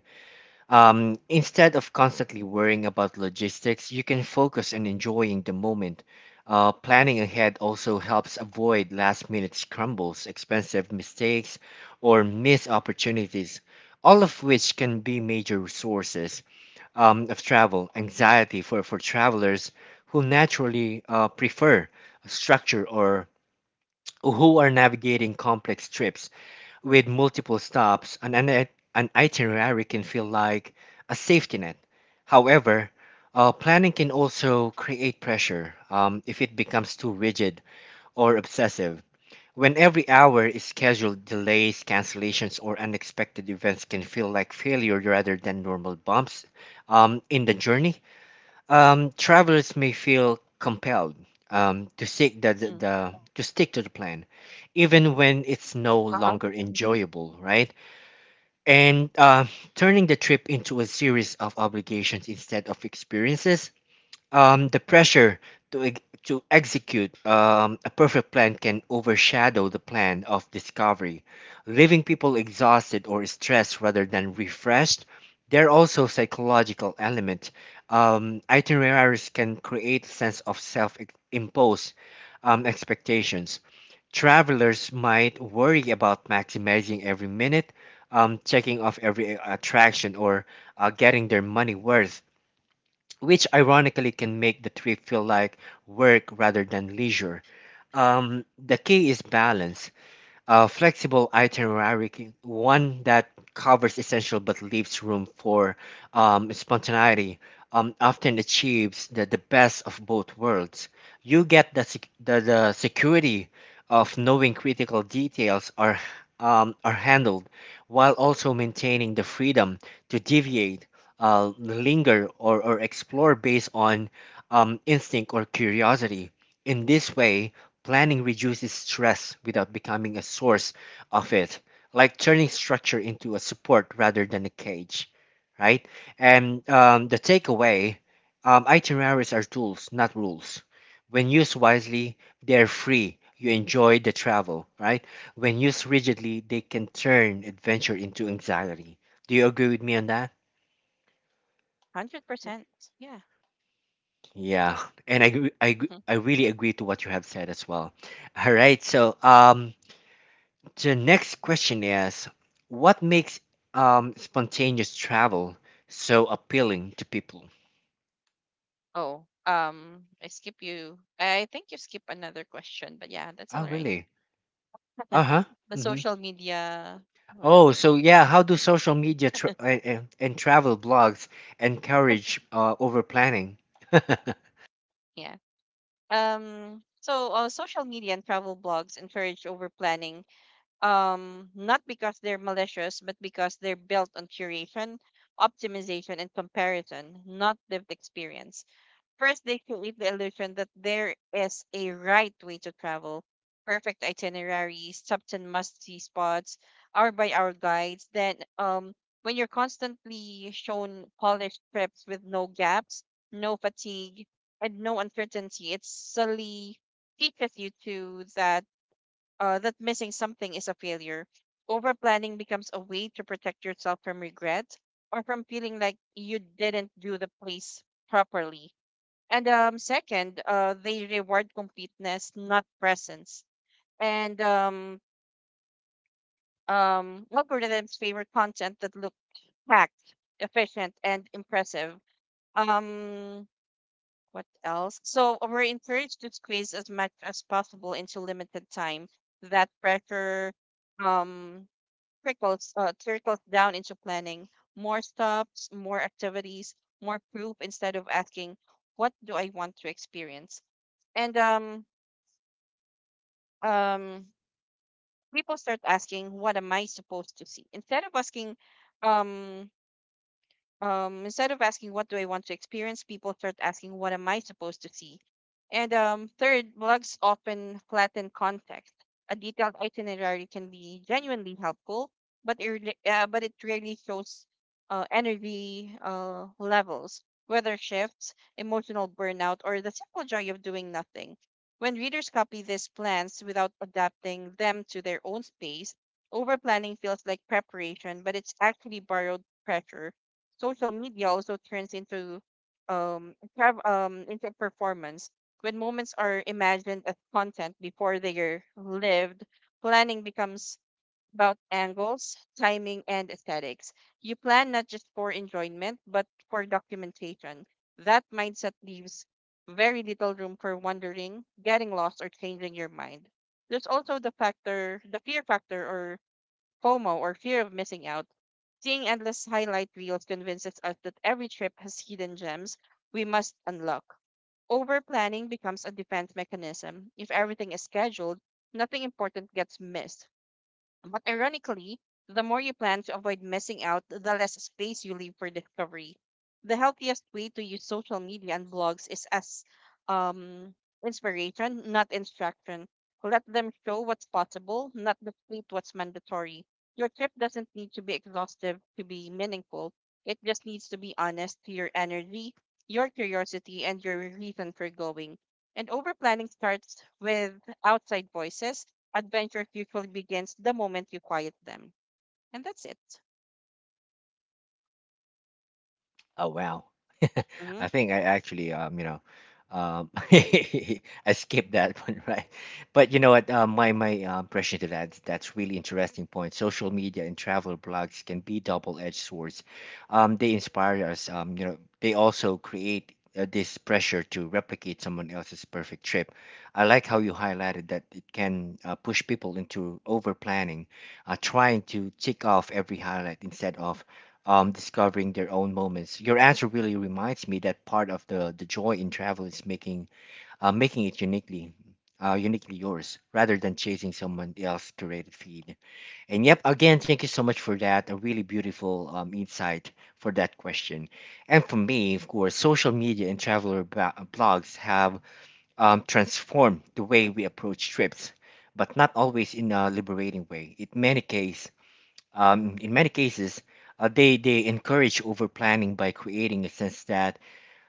S1: Um, instead of constantly worrying about logistics, you can focus on enjoying the moment. Uh, planning ahead also helps avoid last minute scrambles, expensive mistakes, or missed opportunities, all of which can be major resources um, of travel, anxiety for, for travelers who naturally uh, prefer structure or who are navigating complex trips with multiple stops, an, an, an itinerary can feel like a safety net. However, uh, planning can also create pressure um, if it becomes too rigid or obsessive. When every hour is scheduled, delays, cancellations, or unexpected events can feel like failure rather than normal bumps um, in the journey. Um, travelers may feel compelled um, to seek the, the,
S2: Mm.
S1: the to stick to the plan, even when it's no
S2: Uh-huh.
S1: longer enjoyable, right? And uh, turning the trip into a series of obligations instead of experiences, um, the pressure to ex- to execute um, a perfect plan can overshadow the plan of discovery, leaving people exhausted or stressed rather than refreshed. There are also psychological element. Um, itineraries can create a sense of self-imposed um, expectations. Travelers might worry about maximizing every minute, um, checking off every attraction, or uh, getting their money worth, which ironically can make the trip feel like work rather than leisure. Um, the key is balance. A flexible itinerary, can- one that covers essential but leaves room for um, spontaneity, um, often achieves the, the best of both worlds. You get the, sec- the, the security of knowing critical details are, um, are handled, while also maintaining the freedom to deviate, uh, linger, or, or explore based on um, instinct or curiosity. In this way, planning reduces stress without becoming a source of it, like turning structure into a support rather than a cage, right? And um, the takeaway, um, itineraries are tools, not rules. When used wisely, they're free. You enjoy the travel, right? When used rigidly, they can turn adventure into anxiety. Do you agree with me on that?
S2: one hundred percent. Yeah.
S1: Yeah, and I, agree- I, agree-
S2: Mm-hmm.
S1: I really agree to what you have said as well. All right, so, um, the next question is, what makes um, spontaneous travel so appealing to people?
S2: Oh, um, I skip you. I think you skip another question, but yeah, that's all
S1: Oh,
S2: right.
S1: really? Uh huh.
S2: The
S1: Hmm.
S2: social media,
S1: Oh,
S2: whatever.
S1: so yeah, how do social media tra- and, and travel blogs encourage uh, over planning? (laughs)
S2: Yeah. Um. So, uh, social media and travel blogs encourage over planning. Um, not because they're malicious, but because they're built on curation, optimization, and comparison, not lived experience. First, they create the illusion that there is a right way to travel: perfect itineraries, certain must-see spots, hour-by-hour guides. Then, um, when you're constantly shown polished trips with no gaps, no fatigue, and no uncertainty, it subtly teaches you to that uh, that missing something is a failure. Overplanning becomes a way to protect yourself from regret or from feeling like you didn't do the place properly. And um, Second, uh, they reward completeness, not presence. And um, um, Algorithms favor content that look packed, efficient, and impressive. Um, what else? So uh, we're encouraged to squeeze as much as possible into limited time. That pressure um, trickles uh, trickles down into planning. More stops, more activities, more proof, instead of asking, "What do I want to experience?" And um, um People start asking what am i supposed to see instead of asking um um, instead of asking what do I want to experience. People start asking what am I supposed to see. And um, Third, blogs often flatten context. A detailed itinerary can be genuinely helpful, but it really, uh, but it rarely shows uh, energy uh, levels, weather shifts, emotional burnout, or the simple joy of doing nothing. When readers copy these plans without adapting them to their own space, over planning feels like preparation, but it's actually borrowed pressure. Social media also turns into um, trav- um into a performance. When moments are imagined as content before they are lived, planning becomes about angles, timing, and aesthetics. You plan not just for enjoyment but for documentation. That mindset leaves very little room for wondering, getting lost, or changing your mind. There's also the factor the fear factor, or FOMO, or fear of missing out. Seeing endless highlight reels convinces us that every trip has hidden gems we must unlock. Over planning becomes a defense mechanism. If everything is scheduled, nothing important gets missed. But ironically, the more you plan to avoid missing out, the less space you leave for discovery. The healthiest way to use social media and blogs is as um, inspiration, not instruction. Let them show what's possible, not deplete what's mandatory. Your trip doesn't need to be exhaustive to be meaningful. It just needs to be honest to your energy, your curiosity, and your reason for going. And overplanning starts with outside voices. Adventure usually begins the moment you quiet them. And that's it.
S1: Oh wow. (laughs)
S2: Mm-hmm.
S1: I think I actually, um, you know, um (laughs) I skipped that (laughs) one, right. But you know what, uh, my my uh, impression to that, that's really interesting point. Social media and travel blogs can be double-edged swords. Um they inspire us, um, you know, they also create uh, this pressure to replicate someone else's perfect trip. I like how you highlighted that it can uh, push people into over planning, uh, trying to tick off every highlight instead of um, discovering their own moments. Your answer really reminds me that part of the, the joy in travel is making uh, making it uniquely, uh, uniquely yours rather than chasing someone else's curated feed. And yep, again, thank you so much for that. A really beautiful um, insight for that question. And for me, of course, social media and traveler ba- uh, blogs have um, transformed the way we approach trips, but not always in a liberating way. In many cases, um, in many cases, uh, they, they encourage over planning by creating a sense that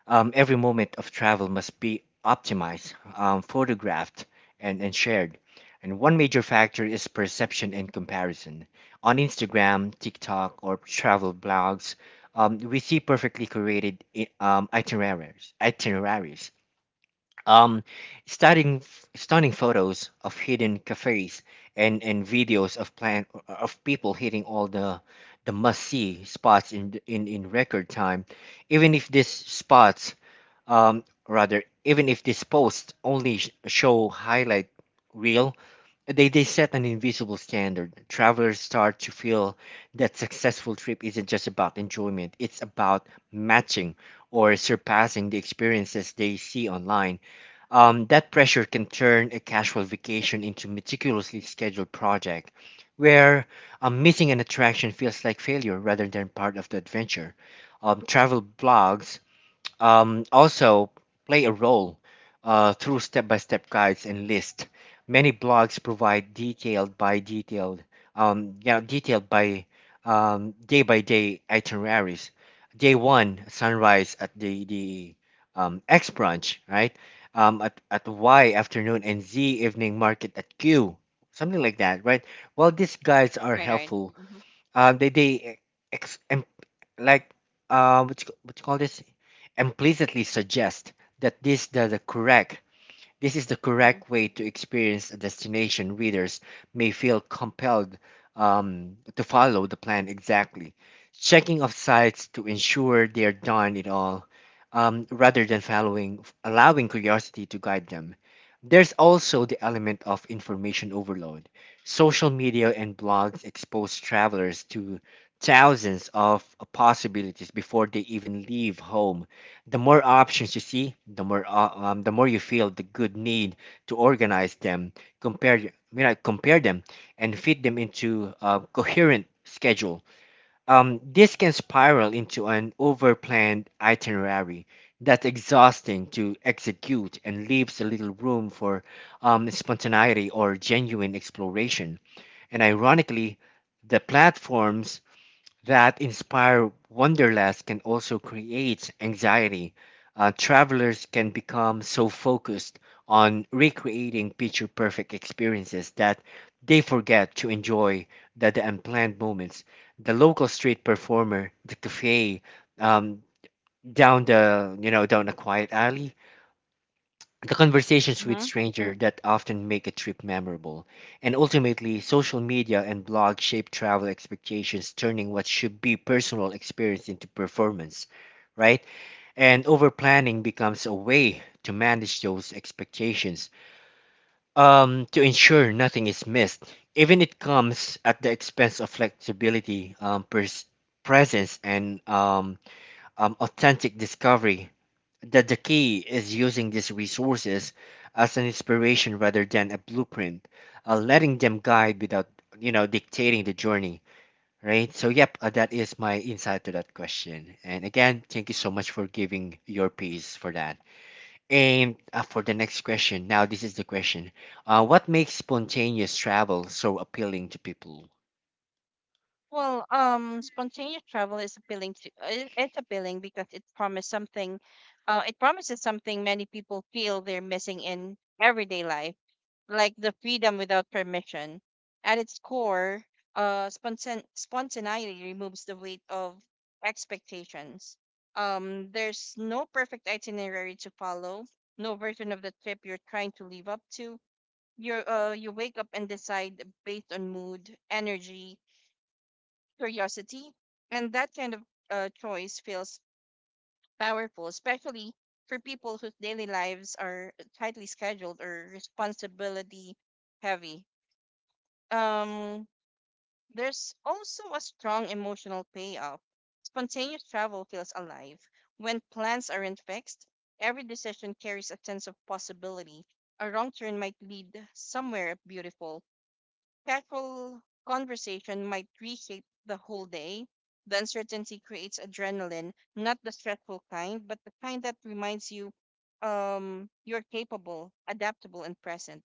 S1: um, every moment of travel must be optimized, um, photographed, and, and shared. And one major factor is perception and comparison. On Instagram, TikTok, or travel blogs, um, we see perfectly curated i- um, itineraries, itineraries, um stunning f- stunning photos of hidden cafes and and videos of plan of people hitting all the the must see spots in th- in in record time, even if these spots um rather even if these posts only sh- show highlight reel, they they set an invisible standard. Travelers start to feel that successful trip isn't just about enjoyment, it's about matching or surpassing the experiences they see online. Um, that pressure can turn a casual vacation into meticulously scheduled project where um, missing an attraction feels like failure rather than part of the adventure. Um, travel blogs um, also play a role uh, through step-by-step guides and lists. Many blogs provide detailed by detailed, um, you know, detailed by um, day by day itineraries. Day one, sunrise at the the um, X branch, right? Um, at at Y afternoon and Z evening market at Q, something like that, right? Well, these guides are
S2: Right, right.
S1: helpful.
S2: Mm-hmm.
S1: Um, they they ex- like uh, what you, what you call this implicitly suggest that this the, the correct this is the
S2: Mm-hmm.
S1: correct way to experience a destination. Readers may feel compelled, um, to follow the plan exactly, checking off sites to ensure they are done it all, um, rather than following, allowing curiosity to guide them. There's also the element of information overload. Social media and blogs expose travelers to thousands of possibilities before they even leave home. The more options you see, the more uh, um, the more you feel the good need to organize them, compare you know, compare them, and fit them into a coherent schedule. Um, this can spiral into an overplanned itinerary that's exhausting to execute and leaves a little room for um, spontaneity or genuine exploration. And ironically, the platforms that inspire wanderlust can also create anxiety. Uh, travelers can become so focused on recreating picture perfect experiences that they forget to enjoy the, the unplanned moments. The local street performer, the cafe um, down the you know down a quiet alley, the conversations with
S2: Mm-hmm.
S1: strangers that often make a trip memorable. And ultimately, social media and blog shape travel expectations, turning what should be personal experience into performance, right? And over planning becomes a way to manage those expectations, um, to ensure nothing is missed, even it comes at the expense of flexibility, um, pers- presence, and um, um, authentic discovery. That the key is using these resources as an inspiration rather than a blueprint, uh, letting them guide without you know dictating the journey, right? So yep, uh, that is my insight to that question. And again, thank you so much for giving your piece for that. And uh, for the next question, now this is the question: uh, what makes spontaneous travel so appealing to people?
S2: Well, um, spontaneous travel is appealing to it- it's appealing because it promises something, uh, it promises something many people feel they're missing in everyday life, like the freedom without permission. At its core, uh, spontan spontaneity removes the weight of expectations. Um, there's no perfect itinerary to follow, no version of the trip you're trying to live up to. You're, uh, you wake up and decide based on mood, energy, curiosity. And that kind of uh, choice feels powerful, especially for people whose daily lives are tightly scheduled or responsibility heavy. Um, there's also a strong emotional payoff. Spontaneous travel feels alive. When plans aren't fixed, every decision carries a sense of possibility. A wrong turn might lead somewhere beautiful. Casual conversation might reshape the whole day. The uncertainty creates adrenaline, not the stressful kind, but the kind that reminds you um, you're capable, adaptable, and present.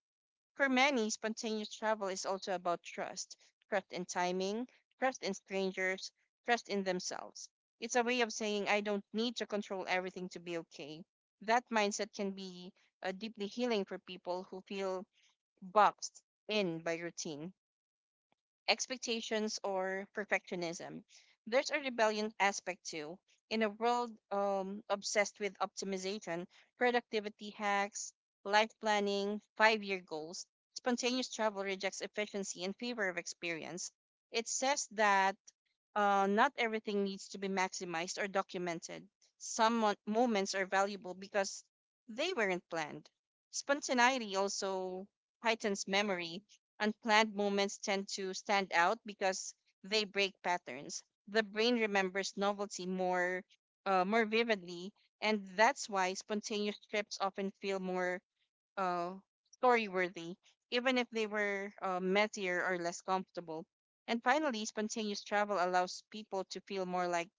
S2: For many, spontaneous travel is also about trust trust in timing, trust in strangers, trust in themselves. It's a way of saying, I don't need to control everything to be okay. That mindset can be uh, deeply healing for people who feel boxed in by routine, expectations, or perfectionism. There's a rebellion aspect too. In a world um, obsessed with optimization, productivity hacks, life planning, five year goals, spontaneous travel rejects efficiency in favor of experience. It says that uh, not everything needs to be maximized or documented. Some mo- moments are valuable because they weren't planned. Spontaneity also heightens memory. Unplanned moments tend to stand out because they break patterns. The brain remembers novelty more uh, more vividly, and that's why spontaneous trips often feel more uh, story worthy, even if they were uh, messier or less comfortable. And finally, spontaneous travel allows people to feel more like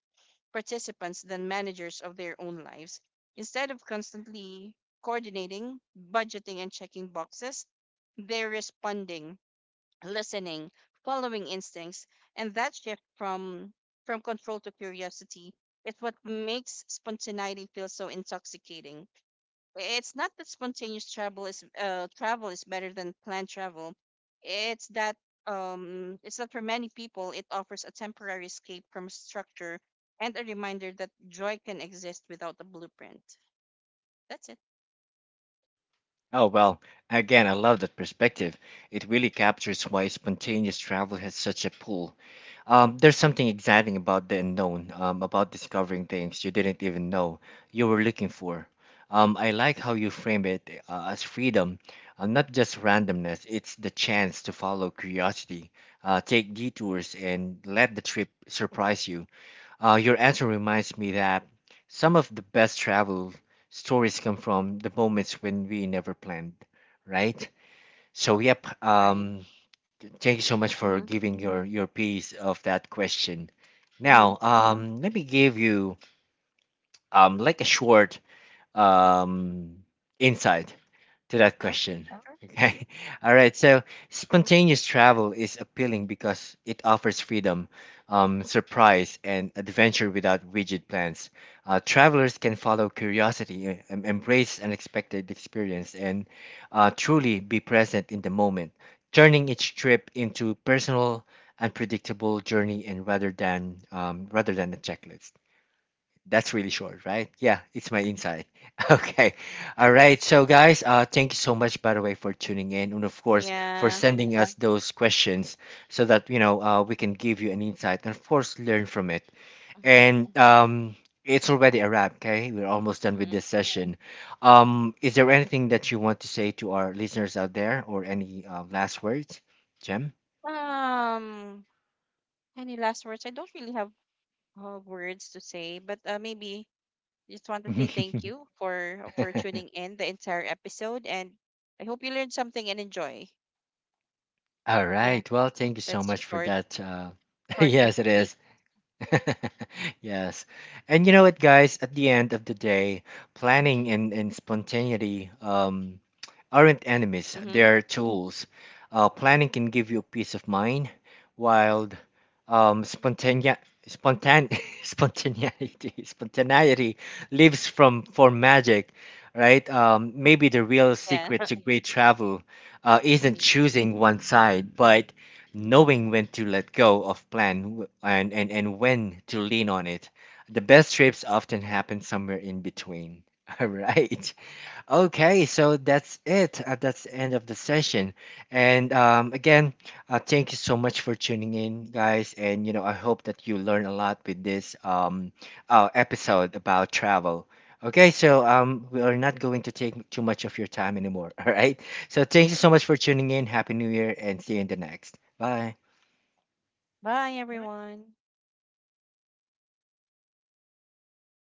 S2: participants than managers of their own lives. Instead of constantly coordinating, budgeting, and checking boxes, they're responding, listening, following instincts, and that shift from from control to curiosity is what makes spontaneity feel so intoxicating. It's not that spontaneous travel is uh, travel is better than planned travel. It's that um, it's that for many people it offers a temporary escape from structure and a reminder that joy can exist without a blueprint. That's it,
S1: Oh, well, again, I love that perspective. It really captures why spontaneous travel has such a pull. Um, there's something exciting about the unknown, um, about discovering things you didn't even know you were looking for. Um, I like how you frame it uh, as freedom, uh, not just randomness. It's the chance to follow curiosity, uh, take detours, and let the trip surprise you. Uh, your answer reminds me that some of the best travel stories come from the moments when we never planned, right? So, yep.
S2: right?
S1: Um, thank you so much for
S2: Mm-hmm.
S1: giving your your piece of that question.
S2: Mm-hmm.
S1: Now, um, let me give you um like a short um insight to that
S2: Oh,
S1: question.
S2: sure.
S1: Okay. (laughs) All right. So spontaneous travel is appealing because it offers freedom, um, surprise, and adventure without rigid plans. Uh, travelers can follow curiosity, e- em- embrace unexpected experience, and uh, truly be present in the moment, turning each trip into personal, unpredictable journey, and rather than um, rather than a checklist. That's really short, right? Yeah, it's my insight. (laughs) Okay. All right. So, guys, uh, thank you so much, by the way, for tuning in and, of course, for
S2: Yeah.
S1: sending us those questions so that, you know, uh, we can give you an insight and, of course, learn from it.
S2: Mm-hmm.
S1: And um, it's already a wrap, okay? We're almost done with this session. Um, is there anything that you want to say to our listeners out there or any uh, last words, Jem?
S2: Um, any last words? I don't really have uh, words to say, but uh, maybe just want
S1: (laughs)
S2: to
S1: All
S2: say thank you for for tuning in the entire episode, and I hope you learned something and enjoy. Yeah,
S1: right. Well, thank you so
S2: that's
S1: much for
S2: short,
S1: that. Uh, (laughs)
S2: short and
S1: yes, it
S2: sweet.
S1: is. (laughs) Yes. And you know what, guys? At the end of the day, planning and, and spontaneity um, aren't enemies,
S2: Mm-hmm.
S1: they're tools. Uh, planning can give you peace of mind, while um, spontanea spontan (laughs) spontaneity spontaneity lives from for magic, right? Um, maybe the real
S2: Yeah.
S1: secret
S2: (laughs)
S1: to great travel uh, isn't
S2: Mhm.
S1: choosing one side, but knowing when to let go of plan w- and, and, and when to lean on it. The best trips often happen somewhere in between. (laughs) All right. Okay, so that's it. Uh, that's the end of the session. And um, again, uh, thank you so much for tuning in, guys. And you know, I hope that you learn a lot with this um, uh, episode about travel. Okay, so um, we are not going to take too much of your time anymore. (laughs) All right. So thank you so much for tuning in. Happy New Year, and see you in the next. Bye.
S2: Bye, everyone.